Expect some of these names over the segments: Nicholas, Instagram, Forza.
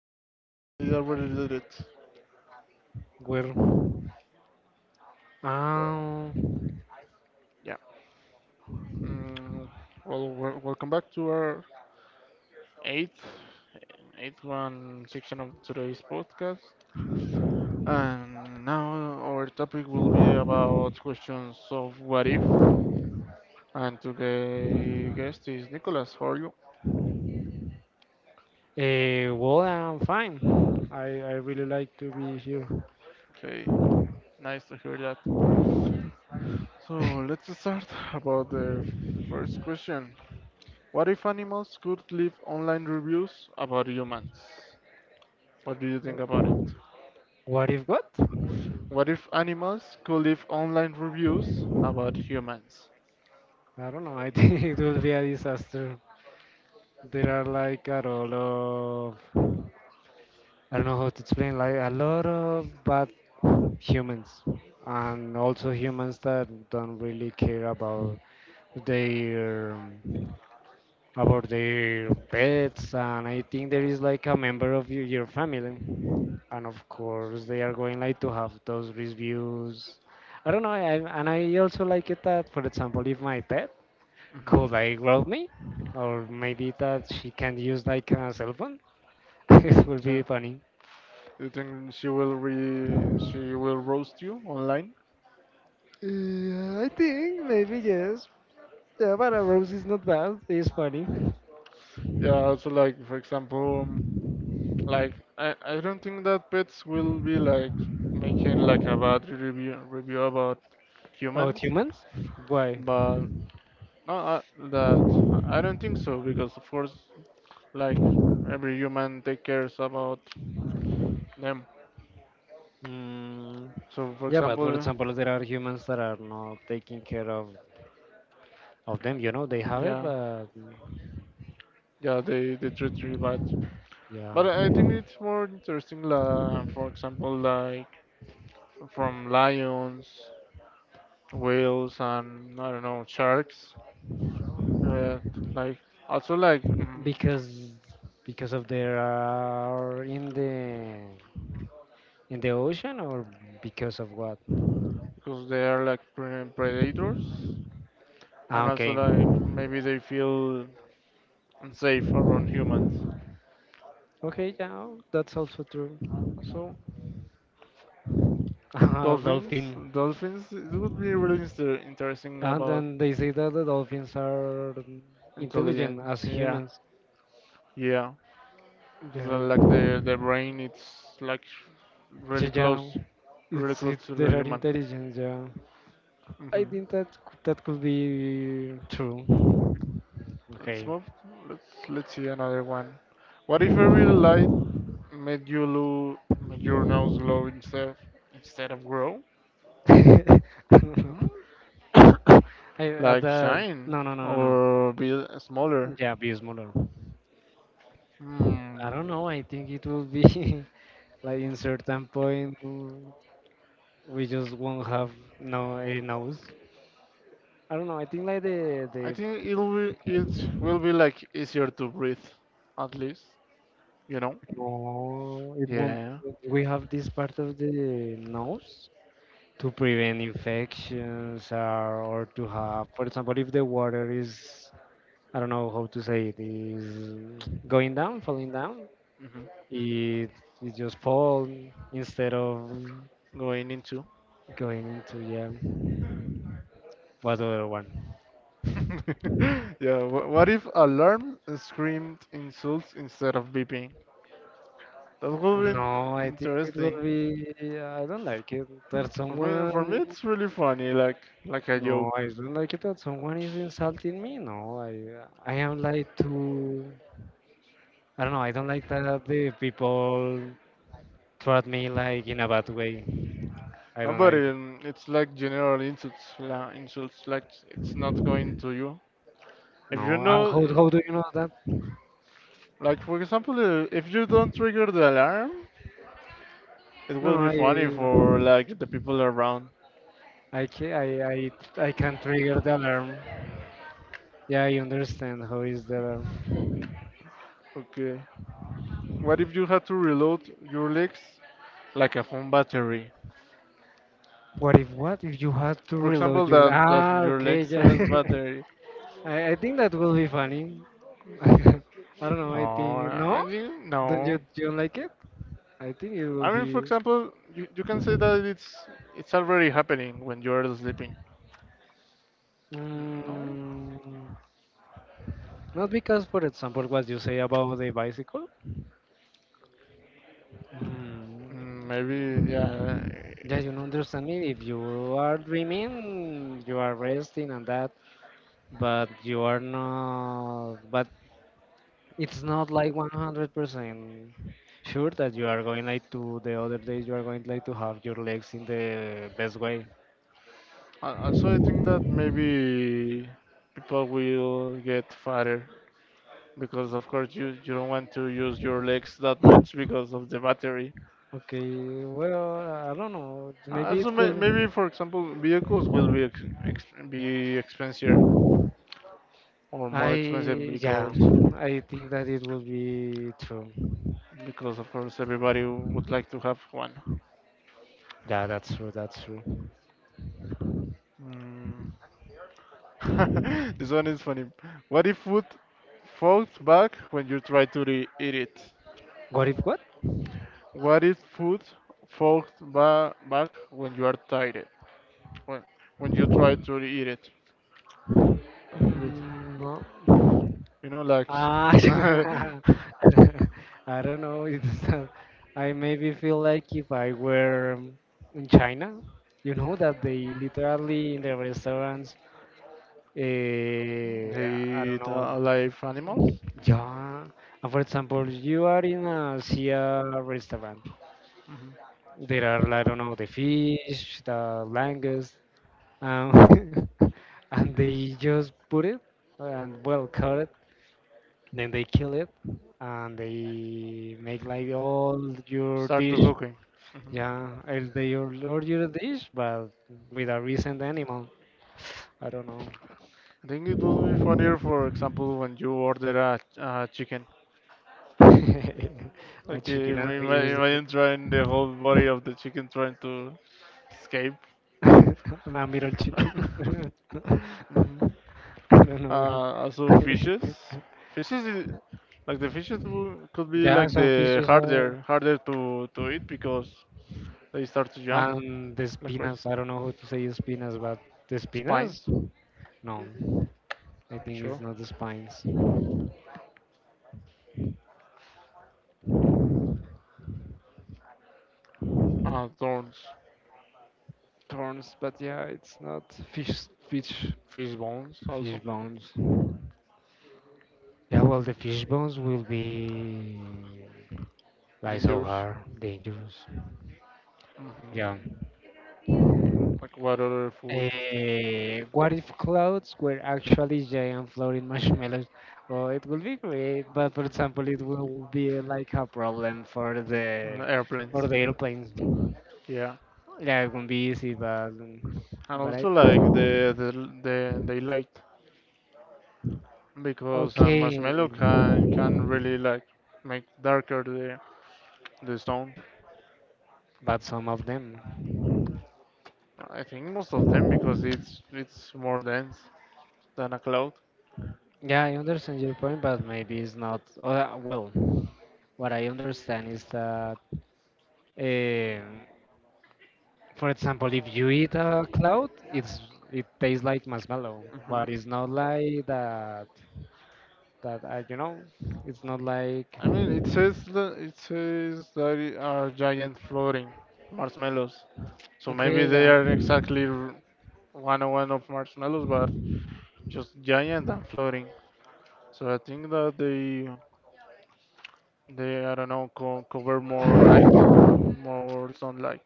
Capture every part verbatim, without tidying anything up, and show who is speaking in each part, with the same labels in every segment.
Speaker 1: no, no, I already did it.
Speaker 2: Well,
Speaker 1: So,
Speaker 2: um,
Speaker 1: yeah. Mm, well, wel- welcome back to our eighth, eighth one section of today's podcast. And now our topic will be about questions of what if. And today guest is Nicholas. How are you?
Speaker 2: eh, well, I'm fine. I, I really like to be here.
Speaker 1: Okay, nice to hear that. So let's start about the first question. What if animals could leave online reviews about humans? What do you think about it?
Speaker 2: What if what?
Speaker 1: What if animals could leave online reviews about humans?
Speaker 2: I don't know. I think it will be a disaster. There are like a lot of, I don't know how to explain, like a lot of bad humans, and also humans that don't really care about their about their pets. And I think there is like a member of your, your family, and of course they are going like to have those reviews. I don't know. I, and I also like it that, for example, if my pet
Speaker 1: Hmm.
Speaker 2: could like growl me, or maybe that she can use like a cell phone, it would be
Speaker 1: Yeah.
Speaker 2: funny.
Speaker 1: You think she will re she will roast you online?
Speaker 2: Yeah, I think maybe yes. Yeah, but a rose is not bad, it's funny.
Speaker 1: Yeah, also like for example, um, like I, I don't think that pets will be like making like a bad review review about
Speaker 2: Oh,
Speaker 1: humans,
Speaker 2: humans? Why?
Speaker 1: but no, I, that I I don't think so because of course like every human take cares about them.
Speaker 2: mm,
Speaker 1: So for
Speaker 2: yeah, but for
Speaker 1: example,
Speaker 2: example, there are humans that are not taking care of of them, you know. They have it,
Speaker 1: yeah,
Speaker 2: but mm,
Speaker 1: yeah, they they treat you bad.
Speaker 2: yeah.
Speaker 1: But I I think it's more interesting, la, for example, like from lions, whales, and I don't know, sharks. Uh, like also like mm,
Speaker 2: because because of they are in the in the ocean? Or because of what?
Speaker 1: because they are like pre- predators,
Speaker 2: Ah,
Speaker 1: and
Speaker 2: okay.
Speaker 1: also like maybe they feel unsafe around humans.
Speaker 2: Okay, yeah, that's also true.
Speaker 1: So
Speaker 2: Ah,
Speaker 1: dolphins,
Speaker 2: dolphin.
Speaker 1: dolphins. It would be really inter- interesting
Speaker 2: And
Speaker 1: about
Speaker 2: then they say that the dolphins are intelligent
Speaker 1: intelligence.
Speaker 2: as
Speaker 1: Yeah,
Speaker 2: humans.
Speaker 1: yeah.
Speaker 2: Yeah,
Speaker 1: Because like the the brain, it's like
Speaker 2: so
Speaker 1: really
Speaker 2: yeah,
Speaker 1: close, really
Speaker 2: it's
Speaker 1: close
Speaker 2: it
Speaker 1: to
Speaker 2: they
Speaker 1: the
Speaker 2: are
Speaker 1: human.
Speaker 2: intelligent, yeah. I
Speaker 1: Hmm.
Speaker 2: think that that could be true.
Speaker 1: Let's
Speaker 2: Okay.
Speaker 1: move. Let's let's see another one. What if a real light made you lose made your nose glow instead instead of grow?
Speaker 2: I,
Speaker 1: Hmm?
Speaker 2: uh,
Speaker 1: Like
Speaker 2: the
Speaker 1: shine
Speaker 2: no no no no no.
Speaker 1: or be smaller?
Speaker 2: Yeah, Bismuller. I
Speaker 1: Hmm.
Speaker 2: don't know. I think it will be like in certain point, mm, we just won't have no a nose. I don't know. I think like the
Speaker 1: I
Speaker 2: the
Speaker 1: think it'll be it will be like easier to breathe, at least. You know?
Speaker 2: no, it won't.
Speaker 1: Yeah.
Speaker 2: We have this part of the nose to prevent infections, or, or to have, for example, if the water is, I don't know how to say it, is going down, falling down.
Speaker 1: Hmm.
Speaker 2: It it just fall instead of
Speaker 1: Going into.
Speaker 2: going into, yeah. What other one?
Speaker 1: Yeah, wh- what if alarm screamed insults instead of beeping? That would be in-
Speaker 2: No, I think it will
Speaker 1: interesting.
Speaker 2: be. I don't like it that
Speaker 1: For me, for me,
Speaker 2: someone.
Speaker 1: it's really funny, like like a
Speaker 2: No, I
Speaker 1: joke.
Speaker 2: don't like it that someone is insulting me. No, I I am like too. I don't know. I don't like that the people treat me like in a bad way. I
Speaker 1: No,
Speaker 2: don't
Speaker 1: but
Speaker 2: like.
Speaker 1: um, it's like general insults, la insults. Like it's not going to you. If you
Speaker 2: No, uh,
Speaker 1: know,
Speaker 2: how
Speaker 1: uh,
Speaker 2: how do you know that?
Speaker 1: like for example, uh, if you don't trigger the alarm, it
Speaker 2: No,
Speaker 1: will be
Speaker 2: I
Speaker 1: funny for like the people around.
Speaker 2: I ca- I I, I can trigger the alarm. Yeah, I understand how is the alarm.
Speaker 1: Okay. What if you had to reload your legs like a phone battery?
Speaker 2: What if what if you had to
Speaker 1: For
Speaker 2: reload
Speaker 1: example,
Speaker 2: your li-
Speaker 1: that that
Speaker 2: ah
Speaker 1: your
Speaker 2: okay,
Speaker 1: legs has
Speaker 2: yeah.
Speaker 1: battery.
Speaker 2: I, I think that will be funny. I don't know.
Speaker 1: No,
Speaker 2: I think
Speaker 1: I
Speaker 2: no.
Speaker 1: think
Speaker 2: Don't you
Speaker 1: no.
Speaker 2: you don't like it? I think it will
Speaker 1: I mean, for
Speaker 2: be,
Speaker 1: example, you, you can say that it's it's already happening when you're sleeping. No,
Speaker 2: mm, not, because, for example, what you say about the bicycle. Mm,
Speaker 1: Mm, maybe yeah.
Speaker 2: yeah, you don't understand me. If you are dreaming, you are resting and that, but you are not. But it's not like one hundred percent sure that you are going like to the other days you are going like to have your legs in the best way.
Speaker 1: Al- Also, I think that maybe people will get fatter because, of course, you you don't want to use your legs that much because of the battery.
Speaker 2: Okay, well, I don't know, maybe
Speaker 1: Also,
Speaker 2: it could
Speaker 1: may, maybe
Speaker 2: be.
Speaker 1: for example, vehicles will be ex, ex, be expensive or more
Speaker 2: i
Speaker 1: expensive
Speaker 2: yeah,
Speaker 1: because
Speaker 2: I think that it would be true.
Speaker 1: because of course everybody would like to have one.
Speaker 2: Yeah, that's true, that's true.
Speaker 1: Mm. This one is funny. What if food falls back when you try to re- eat it?
Speaker 2: What if what?
Speaker 1: What if food falls ba- back when you are tired? When when you try to re- eat it, like with
Speaker 2: Mm, no
Speaker 1: you know like
Speaker 2: Ah, I don't know. It's, uh, I maybe feel like if I were um, in China, you know, that they literally in the restaurants,
Speaker 1: they
Speaker 2: uh, I don't
Speaker 1: eat uh,
Speaker 2: know,
Speaker 1: alive animals.
Speaker 2: yeah. And for example, you are in a Sia restaurant.
Speaker 1: Mhm.
Speaker 2: There are, I don't know, the fish, the langoust, um, and they just put it and well cut it. Then they kill it, and they make like all your
Speaker 1: Start
Speaker 2: dish.
Speaker 1: to cooking. Mhm.
Speaker 2: Yeah, and they all all your dish, but with a recent animal. I don't know.
Speaker 1: I think it would be funnier, for example, when you order a, a chicken.
Speaker 2: A
Speaker 1: Like
Speaker 2: chicken and
Speaker 1: ima-
Speaker 2: we
Speaker 1: ima-
Speaker 2: use
Speaker 1: imagine trying the whole body of the chicken trying to escape.
Speaker 2: a middle chicken. I
Speaker 1: Hmm.
Speaker 2: don't know.
Speaker 1: Uh, also fishes. Fishes is, like the fishes wou- could be
Speaker 2: Yeah,
Speaker 1: like
Speaker 2: some
Speaker 1: the
Speaker 2: fishes are.
Speaker 1: harder harder to to eat because they start to jump
Speaker 2: And the
Speaker 1: like crazy.
Speaker 2: spinas. I don't know how to say spinas, but the spinas?
Speaker 1: Spines,
Speaker 2: No, I think it's
Speaker 1: sure.
Speaker 2: not the spines.
Speaker 1: Uh, thorns,
Speaker 2: Turns, but yeah, it's not fish, fish,
Speaker 1: fish bones
Speaker 2: fish
Speaker 1: also
Speaker 2: bones. Yeah, well, the fish bones will be like so
Speaker 1: dangerous.
Speaker 2: hard, dangerous. Yeah.
Speaker 1: Hmm. Like what other food?
Speaker 2: Eh, what if clouds were actually giant floating marshmallows? Oh, it would be great, but for example, it will be like a problem for
Speaker 1: Uh,
Speaker 2: the, for
Speaker 1: airplanes.
Speaker 2: the airplanes.
Speaker 1: Yeah,
Speaker 2: Yeah, it won't be easy, but
Speaker 1: and
Speaker 2: but I
Speaker 1: also like the the the daylight, because uh,
Speaker 2: okay,
Speaker 1: marshmallow can can really like make darker the the sound.
Speaker 2: but some of them.
Speaker 1: I think most of them because it's it's more dense than a cloud.
Speaker 2: Yeah, I understand your point, but maybe it's not. Uh, well, what I understand is that, um for example, if you eat a cloud, it's, it tastes like marshmallow,
Speaker 1: Hmm.
Speaker 2: but it's not like that. That, uh, you know, it's not like,
Speaker 1: I mean, it says that it says that it are giant floating marshmallows. So maybe
Speaker 2: okay,
Speaker 1: they
Speaker 2: yeah.
Speaker 1: are exactly r- one hundred one of marshmallows, but just giant and floating. So I think that they they I don't know co- cover more light, more sunlight.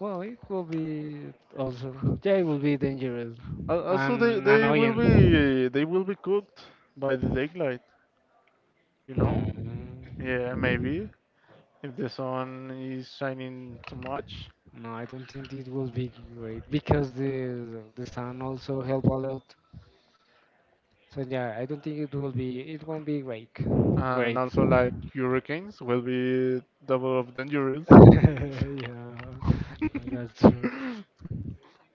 Speaker 2: Well, it will be also. Yeah, it will be dangerous
Speaker 1: Al- Also, they
Speaker 2: and
Speaker 1: they will
Speaker 2: annoying.
Speaker 1: be they will be cooked by the daylight, you
Speaker 2: No.
Speaker 1: know? Yeah, maybe if the sun is shining too much,
Speaker 2: No, I don't think it will be great because the the sun also help a lot. So yeah, I don't think it will be, it won't be great.
Speaker 1: and
Speaker 2: Great.
Speaker 1: also like hurricanes will be double of dangerous.
Speaker 2: Yeah, that's true.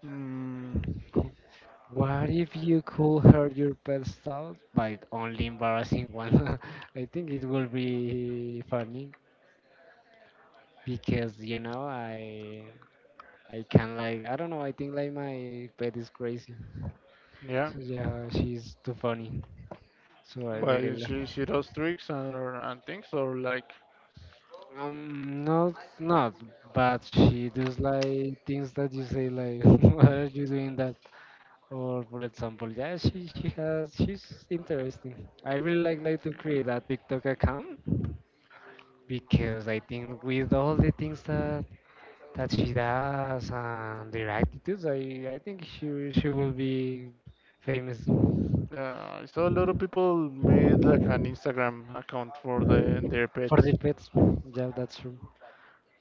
Speaker 1: Mm,
Speaker 2: What if you could hurt your pet's out by only embarrassing one? I think it will be funny because, you know, I I can like, I don't know, I think like my pet is crazy.
Speaker 1: yeah,
Speaker 2: So yeah, she's too funny. So I really
Speaker 1: but
Speaker 2: love.
Speaker 1: she she does tricks and and things or like
Speaker 2: Um, not not, but she does like things that you say like, why are you doing that? Or for example, yeah, she she has she's interesting. I really like like to create a TikTok account because I think with all the things that that she does and their attitudes, I I think she she will be famous for
Speaker 1: yeah, I saw a lot of people made like an Instagram account for the their pets.
Speaker 2: the pets. Yeah, that's true.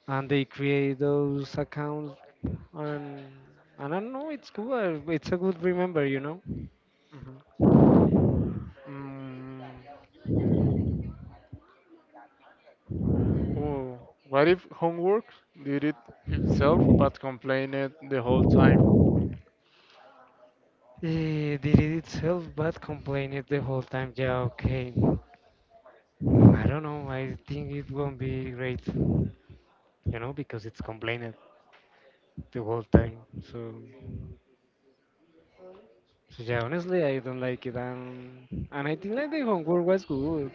Speaker 2: And they create those accounts and I don't know. It's good. It's a good remember, you know.
Speaker 1: Hmm. Mm. Oh, what if homework did it itself but complained it the whole time?
Speaker 2: Eh, did it itself, but complain it the whole time. Yeah, okay. I don't know. I think it won't be great, you know, because it's complaining the whole time. So, so yeah, honestly, I don't like it. And and I think like the homework was good.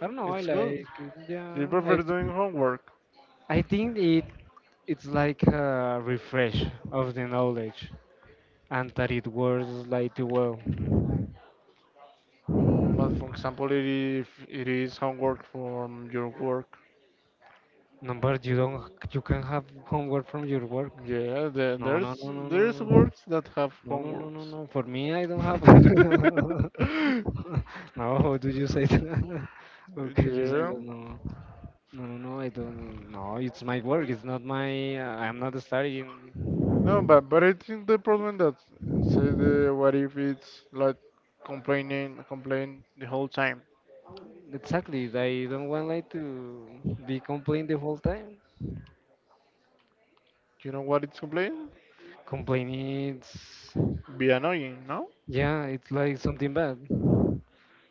Speaker 2: I don't know. I
Speaker 1: It's good.
Speaker 2: like. It. Yeah,
Speaker 1: Do you prefer
Speaker 2: I
Speaker 1: doing
Speaker 2: think,
Speaker 1: homework?
Speaker 2: I think it, it's like a refresh of the knowledge, and that it works like the well.
Speaker 1: But for example, if it is homework from your work.
Speaker 2: No, but you don't. You can have homework from your work.
Speaker 1: Yeah, there,
Speaker 2: No, no,
Speaker 1: there's
Speaker 2: no, no, no,
Speaker 1: there's works that have
Speaker 2: no, no, no, no, no.
Speaker 1: homeworks.
Speaker 2: no. For me, I don't have. No, how do you say that? How can you say
Speaker 1: Yeah.
Speaker 2: that? No, no, no, no. I don't. No, it's my work. It's not my. uh, I'm not studying.
Speaker 1: No, but but I think the problem that say the what if it's like complaining complain the whole time.
Speaker 2: Exactly. I don't want like to be complaining the whole time.
Speaker 1: You know what it's complaining?
Speaker 2: Complaining, it's,
Speaker 1: Be annoying, no?
Speaker 2: yeah, it's like something bad.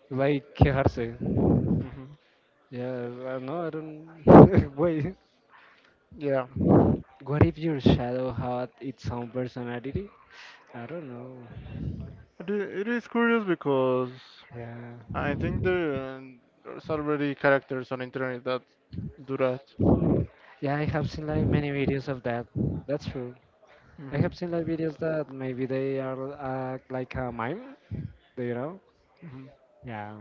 Speaker 2: Like quejarse. Yeah, I know, I don't. Wait,
Speaker 1: Yeah,
Speaker 2: what if your shadow had its own personality? I don't know.
Speaker 1: it i- it is curious because
Speaker 2: Yeah.
Speaker 1: I think there there's already characters on internet that do that.
Speaker 2: Yeah, I have seen like many videos of that. That's true. I
Speaker 1: Mhm.
Speaker 2: have seen like videos that maybe they are, uh, like a mime, do you know?
Speaker 1: Mhm.
Speaker 2: Yeah,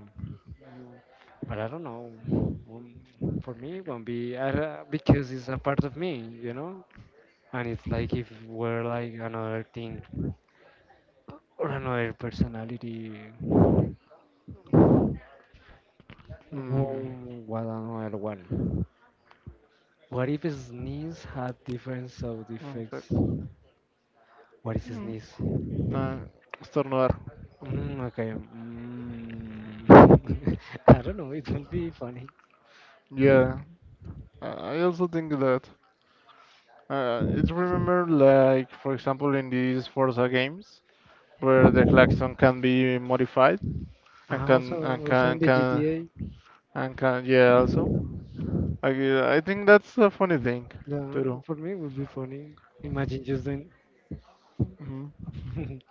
Speaker 2: but I don't know. Um, For me, it won't be, I, don't- because it's a part of me, you know? And it's like if we're like another thing or another personality.
Speaker 1: Mm.
Speaker 2: Whoa, what another one. What if sneeze had different sound
Speaker 1: One sec.
Speaker 2: effects? What is
Speaker 1: Mm.
Speaker 2: sneeze?
Speaker 1: Uh, Estornudar.
Speaker 2: Mm, okay. Mm. I don't know. It will be funny.
Speaker 1: Yeah, I I also think that. Uh, it's remember like for example in these Forza games where the klaxon can be modified, and
Speaker 2: Ah, also,
Speaker 1: can and
Speaker 2: also
Speaker 1: can
Speaker 2: in the
Speaker 1: can
Speaker 2: G T A,
Speaker 1: and can yeah also. I I think that's a funny thing
Speaker 2: yeah,
Speaker 1: to do.
Speaker 2: for me it would be funny. Imagine just then.
Speaker 1: Mhm.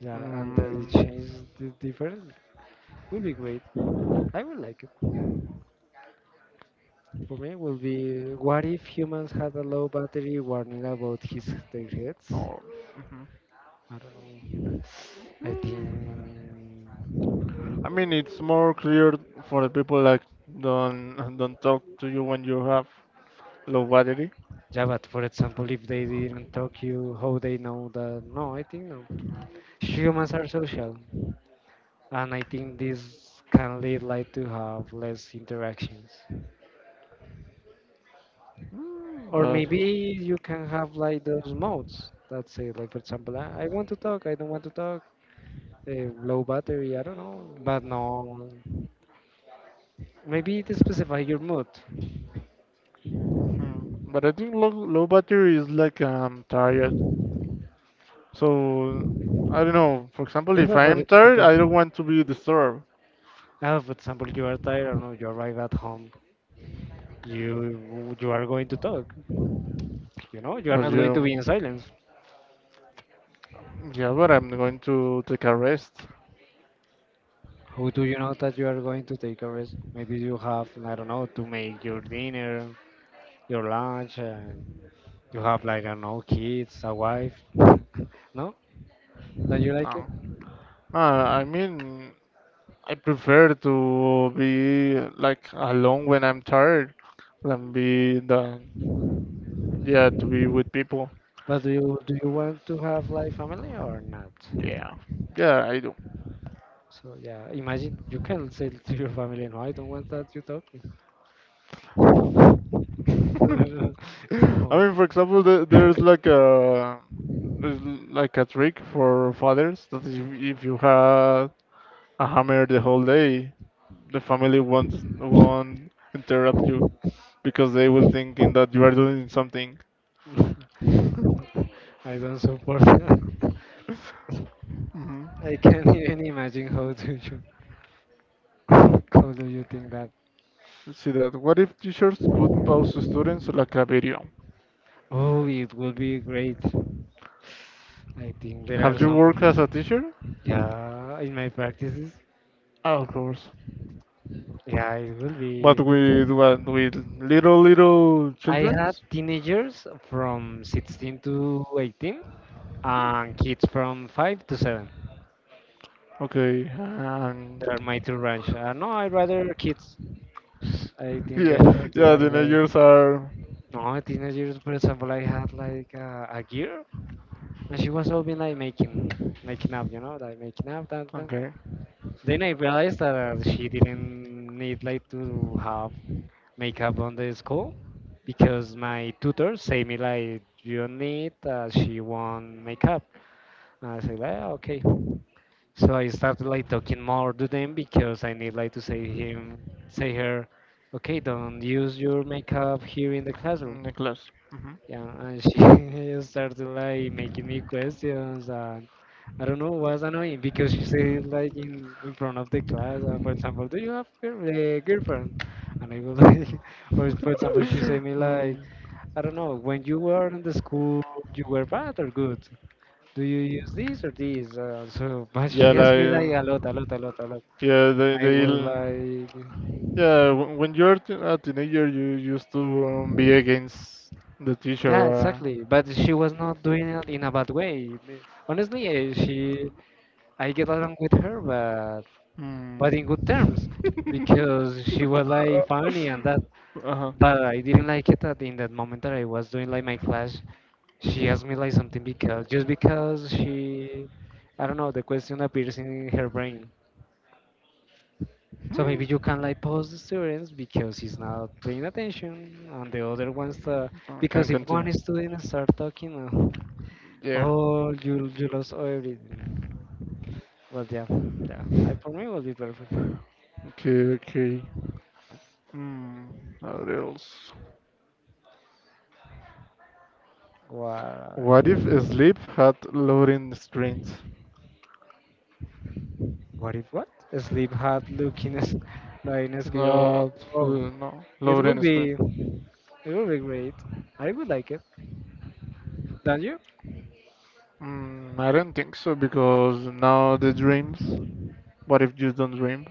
Speaker 2: Yeah, and that
Speaker 1: Mm,
Speaker 2: it changes the different will be great. I would like it. For me, will be what if humans had a low battery warning about his their heads?
Speaker 1: oh, mhm.
Speaker 2: I don't know. I think,
Speaker 1: I mean, it's more clear for the people like don't don't talk to you when you have low battery.
Speaker 2: yeah, but for example, if they didn't talk you, how they know that? No, I think no. Humans are social, and I think this can lead like to have less interactions.
Speaker 1: Mm,
Speaker 2: Or
Speaker 1: but
Speaker 2: maybe you can have like those modes that say, like, for example, I, I want to talk, I don't want to talk. Uh, low battery, I don't know, but no. Maybe it specify your mood.
Speaker 1: hmm, but I think low low battery is like I'm tired. So I don't know. For example,
Speaker 2: Yeah,
Speaker 1: if
Speaker 2: but
Speaker 1: I
Speaker 2: for
Speaker 1: am tired,
Speaker 2: example,
Speaker 1: I don't want to be disturbed.
Speaker 2: Uh, for example, you are tired, I don't know, you arrive at home, you you are going to talk, you know, you are
Speaker 1: But
Speaker 2: not going to
Speaker 1: you,
Speaker 2: be in silence.
Speaker 1: yeah, but I'm going to take a rest
Speaker 2: How do you know that you are going to take a rest? Maybe you have, I don't know, to make your dinner, your lunch, and you have like, I don't know, kids, a wife. No? Don't you like it?
Speaker 1: now. Uh, I mean. I prefer to be like alone when I'm tired than be the yeah to be with people.
Speaker 2: But do you do you want to have like family or not?
Speaker 1: Yeah, yeah, I do.
Speaker 2: So yeah, imagine you can say to your family, no, I don't want that you talk.
Speaker 1: I
Speaker 2: No.
Speaker 1: mean, for example, the, there's like a there's like a trick for fathers that if, if you have a hammer the whole day, the family won't won't interrupt you because they will thinking that you are doing something.
Speaker 2: I don't support that.
Speaker 1: Mhm.
Speaker 2: I can't even imagine how do you how do you think that?
Speaker 1: Let's see that. What if teachers could pause students like a video?
Speaker 2: Oh, it will be great. I think there are
Speaker 1: Have you worked as a
Speaker 2: some.
Speaker 1: teacher?
Speaker 2: Yeah, in my practices,
Speaker 1: Of course.
Speaker 2: yeah, it will
Speaker 1: But
Speaker 2: be.
Speaker 1: with what? With little little
Speaker 2: I had
Speaker 1: childrens?
Speaker 2: teenagers from sixteen to eighteen, and kids from five to seven.
Speaker 1: Okay. And
Speaker 2: There are my two range. Uh, no, I rather kids. I think there,
Speaker 1: yeah, yeah.
Speaker 2: there are. Well,
Speaker 1: Teenagers are
Speaker 2: no, teenagers, for example, I had like, uh, a year. And she was always like making making up, you know, like making up that, that.
Speaker 1: okay.
Speaker 2: Then I realized that, uh, she didn't need like to have makeup on the school because my tutor say me like you don't need, uh, she won't makeup. And I say like, "Ah, okay." So I started like talking more to them because I need like to say him, say her, okay, don't use your makeup here in the classroom.
Speaker 1: In the class. Mhm.
Speaker 2: Yeah, and she started like making me questions, and I don't know, was annoying because she said like in in front of the class, uh, for example, do you have a girlfriend? And I was like, or for example, she said me like,
Speaker 1: Mm,
Speaker 2: I don't know, when you were in the school, you were bad or good? Do you use this or this? Uh, so, but
Speaker 1: yeah,
Speaker 2: she asked me
Speaker 1: like
Speaker 2: like a lot, a lot, a lot, a lot,
Speaker 1: yeah,
Speaker 2: and
Speaker 1: they
Speaker 2: I was
Speaker 1: they
Speaker 2: like.
Speaker 1: yeah. wh- When you're t- a teenager, you used to be against the
Speaker 2: Yeah,
Speaker 1: teacher. Uh,
Speaker 2: exactly. But she was not doing it in a bad way. Honestly, eh, she, I get along with her, but but in good
Speaker 1: Hmm.
Speaker 2: terms because she was like funny and that.
Speaker 1: Uh-huh.
Speaker 2: But I didn't like it that in that moment that I was doing like my class, she asked me like something because just because she, I don't know, the question appears in her brain. So maybe you can like pause the students because he's not paying attention, and the other ones uh,
Speaker 1: Uh,
Speaker 2: because
Speaker 1: Can
Speaker 2: if
Speaker 1: continue.
Speaker 2: one student start talking, uh,
Speaker 1: Yeah.
Speaker 2: oh, you you lost everything. But yeah, yeah, I, for me it would be perfect.
Speaker 1: Okay, okay. Hmm. What else? What if
Speaker 2: What?
Speaker 1: sleep had loading screens?
Speaker 2: What if what? Sleep had looking as like as go.
Speaker 1: That
Speaker 2: Oh,
Speaker 1: no,
Speaker 2: it would
Speaker 1: loading screen.
Speaker 2: be. It would be great. I would like it. Don't you?
Speaker 1: Mm, I don't think so because now the dreams. What if you don't dream?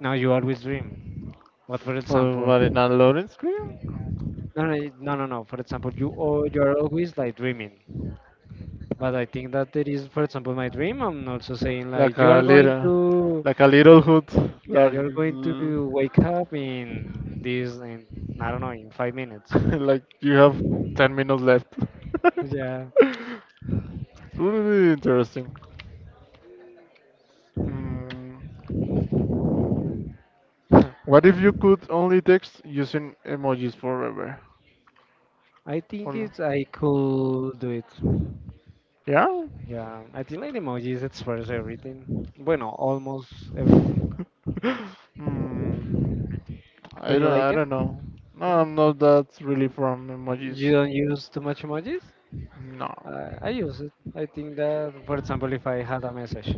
Speaker 2: Now you always dream. What for
Speaker 1: But
Speaker 2: example?
Speaker 1: what in a loading screen?
Speaker 2: No, no, y- no, no, no. For example, you all you are always like dreaming. But I think that there is, for example, my dream. I'm also saying
Speaker 1: Like
Speaker 2: like you
Speaker 1: a
Speaker 2: are going
Speaker 1: little.
Speaker 2: to,
Speaker 1: Like a little hood.
Speaker 2: yeah,
Speaker 1: Like,
Speaker 2: you are going
Speaker 1: l-
Speaker 2: to wake up in this, in I don't know, in five minutes.
Speaker 1: like you have 10 minutes left.
Speaker 2: Yeah.
Speaker 1: It's really interesting. Mm. What if you could only text using emojis forever?
Speaker 2: I think
Speaker 1: Hola.
Speaker 2: it's I could do it.
Speaker 1: Yeah?
Speaker 2: Yeah, I think like emojis express everything. Bueno, almost everything.
Speaker 1: Hmm. I
Speaker 2: Don't you
Speaker 1: don't I
Speaker 2: like it?
Speaker 1: don't know. No,
Speaker 2: No.
Speaker 1: I'm not that really from
Speaker 2: You
Speaker 1: emojis.
Speaker 2: don't use too much emojis?
Speaker 1: No.
Speaker 2: I, I use it. I think that, for example, if I had a message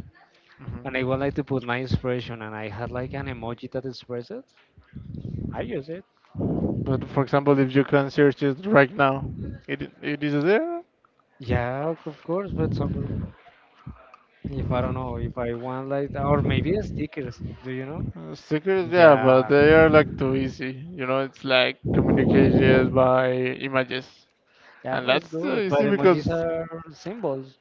Speaker 2: and I would like to put my expression and I had like an
Speaker 1: Mhm.
Speaker 2: emoji that expresses it, I use it.
Speaker 1: But for example, if you can search it right now, it it is there.
Speaker 2: Yeah, of of course. For example, if I don't know, if I want like, or maybe stickers, do you know?
Speaker 1: Uh, stickers, yeah, but
Speaker 2: Yeah,
Speaker 1: they are like too easy. You know, it's like communicated by images,
Speaker 2: yeah,
Speaker 1: and
Speaker 2: but it's
Speaker 1: that's too
Speaker 2: good. But
Speaker 1: easy
Speaker 2: emojis
Speaker 1: because
Speaker 2: are symbols.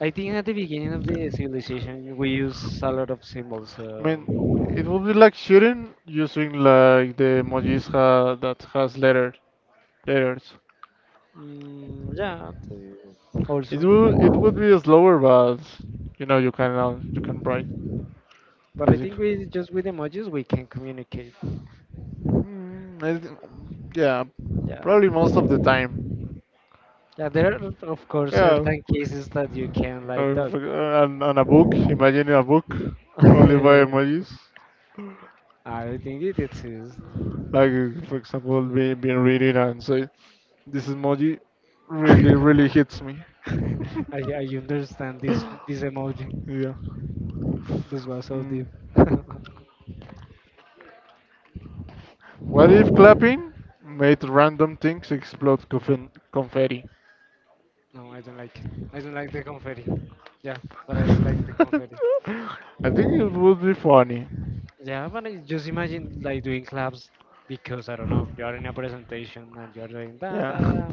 Speaker 2: I think at the beginning of the civilization, we use a lot of symbols. So.
Speaker 1: I mean, it would be like shooting using like the emojis ha that has letter letters.
Speaker 2: Mm, yeah, the-
Speaker 1: It
Speaker 2: also.
Speaker 1: would it would be slower, but you know you can uh, you can write
Speaker 2: But I think
Speaker 1: basically.
Speaker 2: we just with emojis we can communicate.
Speaker 1: Mm, I, th- yeah,
Speaker 2: Yeah.
Speaker 1: probably most of the time.
Speaker 2: Yeah, there are of course
Speaker 1: Yeah.
Speaker 2: certain cases that you can like
Speaker 1: Or
Speaker 2: talk.
Speaker 1: for- uh, on, on a book, imagine a book only by emojis.
Speaker 2: I think it exists.
Speaker 1: Like uh, for example, be, being reading and say, "This emoji really, really
Speaker 2: I,
Speaker 1: hits me."
Speaker 2: I understand this this emoji.
Speaker 1: Yeah.
Speaker 2: This was so
Speaker 1: Mm.
Speaker 2: deep.
Speaker 1: What if clapping made random things explode conf- confetti?
Speaker 2: No, I don't like it. I don't like the confetti. Yeah, but I don't like the confetti.
Speaker 1: I think it would be funny.
Speaker 2: Yeah, but I just imagine like doing claps because I don't know, you are in a presentation and you're doing da
Speaker 1: Yeah.
Speaker 2: da da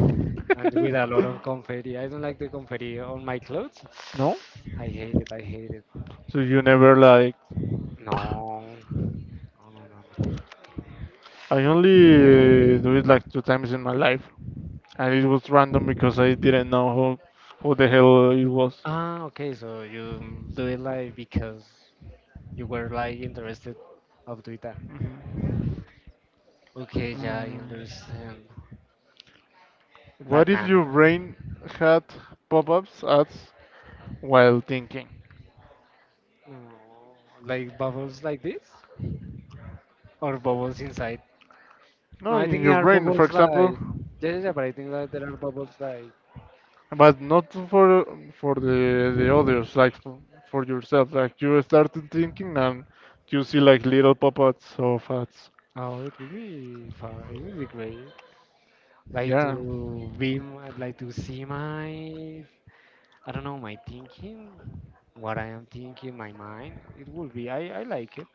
Speaker 2: and with a lot of confetti. I don't like the confetti on my clothes.
Speaker 1: No?
Speaker 2: I hate it, I hate it.
Speaker 1: So you never like.
Speaker 2: No. No, no, no. No.
Speaker 1: I only uh, do it like two times in my life, and it was random because I didn't know who who the hell it was.
Speaker 2: Ah, okay, so you do it like because you were like interested of doing that.
Speaker 1: Mhm.
Speaker 2: Okay, yeah, I
Speaker 1: Mm.
Speaker 2: understand. But
Speaker 1: What
Speaker 2: nah,
Speaker 1: if
Speaker 2: nah,
Speaker 1: your
Speaker 2: nah.
Speaker 1: brain had pop-ups ads while thinking?
Speaker 2: No, like bubbles like this or bubbles inside.
Speaker 1: No,
Speaker 2: No, I
Speaker 1: in
Speaker 2: think there
Speaker 1: your
Speaker 2: are
Speaker 1: brain, for
Speaker 2: bubbles
Speaker 1: example,
Speaker 2: like yeah, yeah, yeah, but I think that there are bubbles like
Speaker 1: but not for for the the others, like for, for yourself. Like you started thinking and you see like little pop-ups of ads.
Speaker 2: oh, it would be fun. It would be great. Like
Speaker 1: Yeah,
Speaker 2: to be, m- I'd like to see my, I don't know, my thinking, what I am thinking, my mind. It would be. I I like it.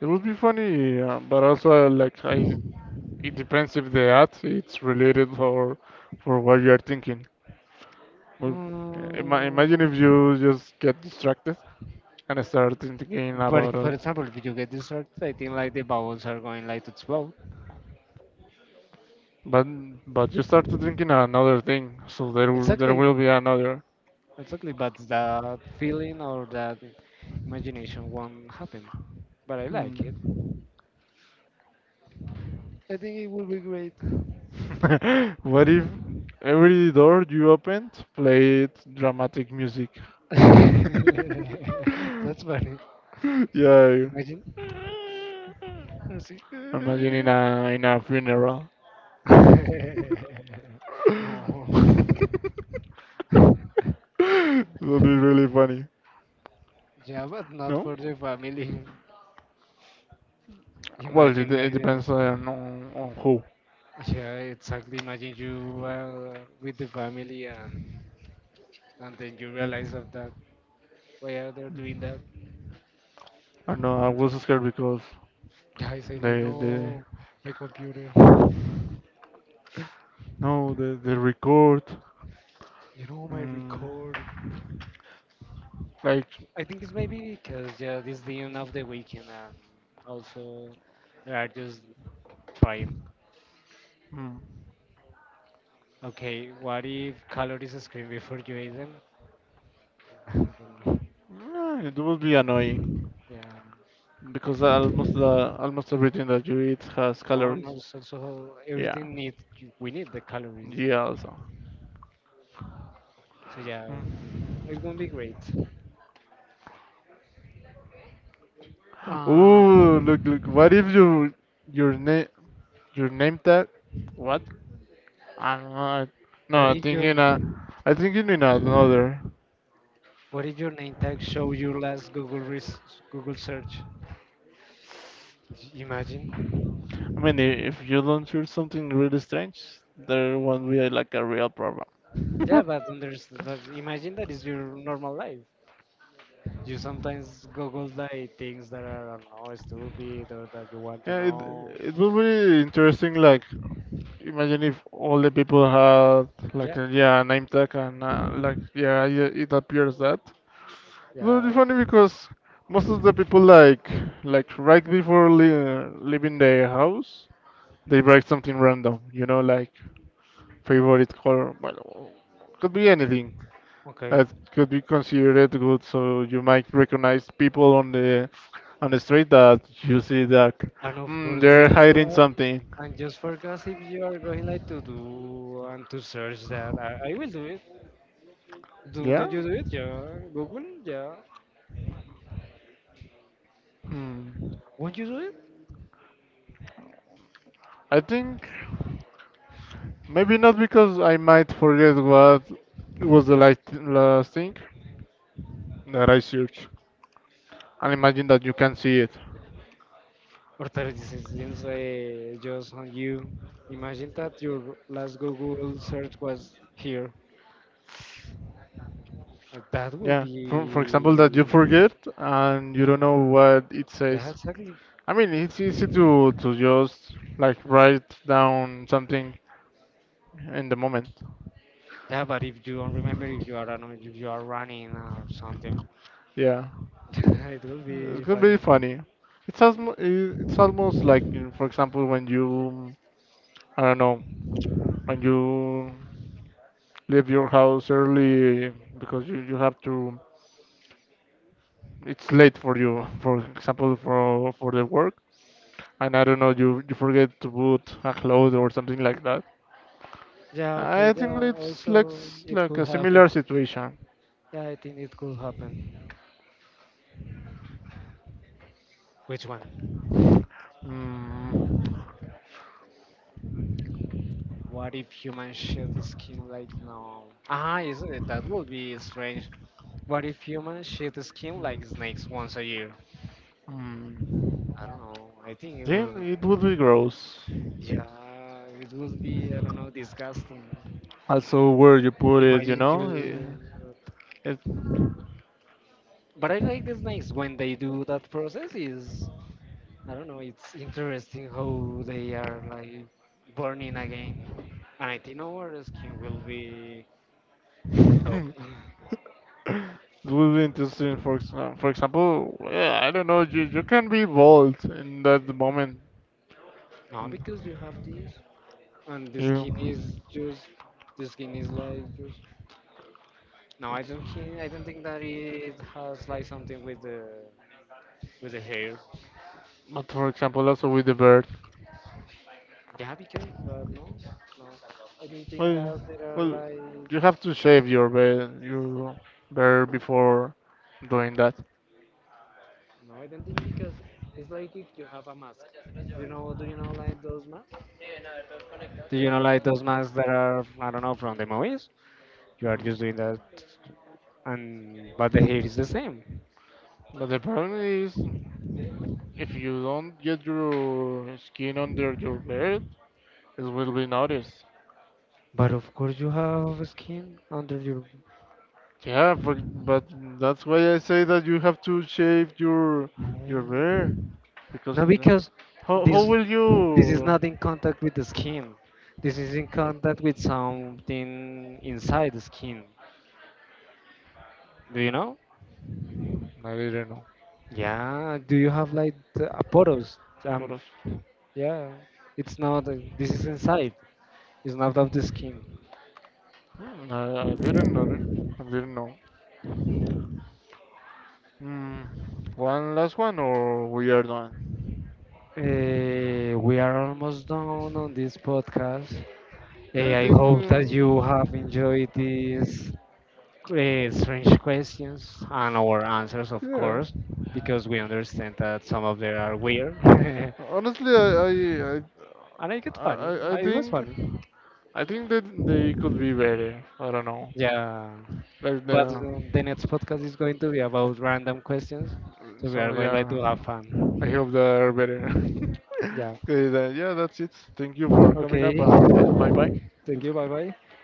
Speaker 1: it would be funny, uh, but also uh, like I, it depends if the ad it's related for for what you are thinking. Well, ima- imagine
Speaker 2: Mm,
Speaker 1: if you just get distracted and start thinking
Speaker 2: but
Speaker 1: about
Speaker 2: for
Speaker 1: it,
Speaker 2: example, if you get distracted, I think like the bubbles are going like to explode.
Speaker 1: but but you start thinking another thing, so there will- there
Speaker 2: Exactly.
Speaker 1: will be another.
Speaker 2: Exactly, but that feeling or that imagination won't happen. But I like
Speaker 1: Hmm.
Speaker 2: it. I think it will be great.
Speaker 1: What if every door you opened played dramatic music?
Speaker 2: That's funny.
Speaker 1: Yeah,
Speaker 2: Imagine. Let's see.
Speaker 1: imagine in a in a funeral.
Speaker 2: No.
Speaker 1: That'd be really funny.
Speaker 2: Yeah, but not
Speaker 1: No?
Speaker 2: for the family.
Speaker 1: Well,
Speaker 2: Imagine
Speaker 1: it, it
Speaker 2: like
Speaker 1: depends
Speaker 2: that.
Speaker 1: on, on on who.
Speaker 2: Yeah, exactly. Imagine you are with the family and and then you realize of that. Why are they doing that?
Speaker 1: I know I was scared because
Speaker 2: Yeah, I say like
Speaker 1: they they
Speaker 2: no, my computer.
Speaker 1: no the the record,
Speaker 2: You know my
Speaker 1: mm,
Speaker 2: record.
Speaker 1: like
Speaker 2: I think it's maybe because yeah, this the end of the weekend and also they are just trying.
Speaker 1: mm,
Speaker 2: Okay, what if calories scream before you eat them? I don't know.
Speaker 1: yeah, it would be annoying
Speaker 2: Yeah.
Speaker 1: because almost the almost everything that you eat has
Speaker 2: No,
Speaker 1: calories.
Speaker 2: no. So, so everything
Speaker 1: Yeah,
Speaker 2: need, we need the calories.
Speaker 1: yeah also.
Speaker 2: So yeah,
Speaker 1: Mm.
Speaker 2: um, it's gonna be great. Um,
Speaker 1: Ooh, look look. What if you your name your name tag? What? I don't know. I- No,
Speaker 2: what
Speaker 1: I'm
Speaker 2: if your,
Speaker 1: thinking uh, I thinking in another.
Speaker 2: what if your name tag show your last Google res- Google search? Imagine.
Speaker 1: I mean, i- if you don't hear something really strange, there won't be like a real problem.
Speaker 2: Yeah, but there's but imagine that is your normal life. You sometimes Google like things that are I don't know stupid or that you want to
Speaker 1: Yeah, it
Speaker 2: know.
Speaker 1: it would be interesting. Like, imagine if all the people had like
Speaker 2: Yeah,
Speaker 1: a, yeah name tag and uh, like yeah, yeah it appears that. It would
Speaker 2: yeah.
Speaker 1: be funny because most of the people like like right before le leaving their house, they write something random. You know, like favorite color. Well, could be anything.
Speaker 2: Okay.
Speaker 1: That could be considered good. So you might recognize people on the on the street that you see that
Speaker 2: And of
Speaker 1: mm,
Speaker 2: course
Speaker 1: they're
Speaker 2: we
Speaker 1: hiding something.
Speaker 2: uh, and just forecast if you are going like to do and to search that, I, I will do it. Do
Speaker 1: Yeah.
Speaker 2: don't you do it? Yeah. Google, yeah.
Speaker 1: Hmm.
Speaker 2: Won't you do it?
Speaker 1: I think maybe not because I might forget what was the last, last thing that I searched. And imagine that you can see it.
Speaker 2: Or that this is it's, uh, just on you. Imagine that your last Google search was here. Uh, That will
Speaker 1: Yeah. For, for example, that you
Speaker 2: be
Speaker 1: forget and you don't know what it
Speaker 2: yeah,
Speaker 1: says.
Speaker 2: exactly.
Speaker 1: I mean, it's easy to, to just like write down something in the moment.
Speaker 2: Yeah, but if you don't remember, if you are, I don't know, if you are running or something,
Speaker 1: Yeah,
Speaker 2: it will
Speaker 1: it's
Speaker 2: be
Speaker 1: gonna be
Speaker 2: funny.
Speaker 1: funny. It's almost it's almost like you know, for example when you I don't know when you leave your house early because you, you have to it's late for you for example for for the work and I don't know you you forget to put a cloth or something like that.
Speaker 2: Yeah, okay.
Speaker 1: I think
Speaker 2: Yeah,
Speaker 1: it's like
Speaker 2: also
Speaker 1: s-
Speaker 2: it
Speaker 1: like a
Speaker 2: could happen.
Speaker 1: similar situation.
Speaker 2: Yeah, I think it could happen. Which one?
Speaker 1: Mm,
Speaker 2: What if humans shed skin like no? Ah, is it? That would be strange. What if humans shed skin like snakes once a year?
Speaker 1: mm.
Speaker 2: I don't know. I think it
Speaker 1: Then
Speaker 2: will.
Speaker 1: it would be gross.
Speaker 2: Yeah, it will be. I don't know. Disgusting.
Speaker 1: Also where you put it, you
Speaker 2: Imagine
Speaker 1: know. It,
Speaker 2: you,
Speaker 1: it
Speaker 2: but I like the snakes when they do that process. Is I don't know. It's interesting how they are like burning again, and I think our skin will be top.
Speaker 1: It will be interesting. For exa- for example, yeah, I don't know. You you can be bold in that moment.
Speaker 2: No,
Speaker 1: Mm,
Speaker 2: because you have this, and the skin
Speaker 1: You,
Speaker 2: is just the skin is like just. No, I don't. Think, I don't think that it has like something with the, with the hair.
Speaker 1: but for example, also with the bird.
Speaker 2: Yeah, because but no, no. I don't think
Speaker 1: Well,
Speaker 2: that there are
Speaker 1: well,
Speaker 2: like
Speaker 1: you have to shave your beard, your beard before doing that.
Speaker 2: no, I don't think because it's like if you have a mask. You know, do you know like those masks? Do you know like those masks that are I don't know from the movies? You are
Speaker 1: Hmm.
Speaker 2: just doing that, and but the hair is the same.
Speaker 1: But the problem is, if you don't get your skin under your beard, it will be noticed.
Speaker 2: But of course you have skin under your.
Speaker 1: Yeah, but, but that's why I say that you have to shave your your
Speaker 2: No,
Speaker 1: hair because
Speaker 2: no, because
Speaker 1: how how
Speaker 2: this
Speaker 1: will
Speaker 2: this is
Speaker 1: you?
Speaker 2: not in contact with the skin. This is in contact with something inside the skin. Do you know?
Speaker 1: I didn't know.
Speaker 2: Yeah, do you have like the a photos?
Speaker 1: Por
Speaker 2: Um,
Speaker 1: eso.
Speaker 2: yeah, it's not. uh, This is inside. It's not of the skin.
Speaker 1: Hmm, I, I didn't know. it. I didn't know. Mm, One last one or we are done?
Speaker 2: Uh, we are almost done on this podcast. Eh,
Speaker 1: Yeah, I
Speaker 2: I
Speaker 1: think.
Speaker 2: hope that you have
Speaker 1: um,
Speaker 2: enjoyed these uh, strange questions and our answers, of
Speaker 1: yeah.
Speaker 2: course, because we understand that some of them are weird. And
Speaker 1: Honestly, I I
Speaker 2: I get
Speaker 1: I I,
Speaker 2: funny.
Speaker 1: I I
Speaker 2: I was
Speaker 1: think
Speaker 2: funny.
Speaker 1: I think that they could be better. I don't know.
Speaker 2: Yeah.
Speaker 1: Like
Speaker 2: But
Speaker 1: the
Speaker 2: um, the next podcast is going to be about random questions, so we are
Speaker 1: so
Speaker 2: going like
Speaker 1: yeah.
Speaker 2: to have
Speaker 1: I
Speaker 2: fun.
Speaker 1: hope they are better.
Speaker 2: Yeah.
Speaker 1: Okay, then, yeah, that's it. Thank you for coming up.
Speaker 2: Okay.
Speaker 1: Um, yeah, bye bye.
Speaker 2: Thank you. Bye bye.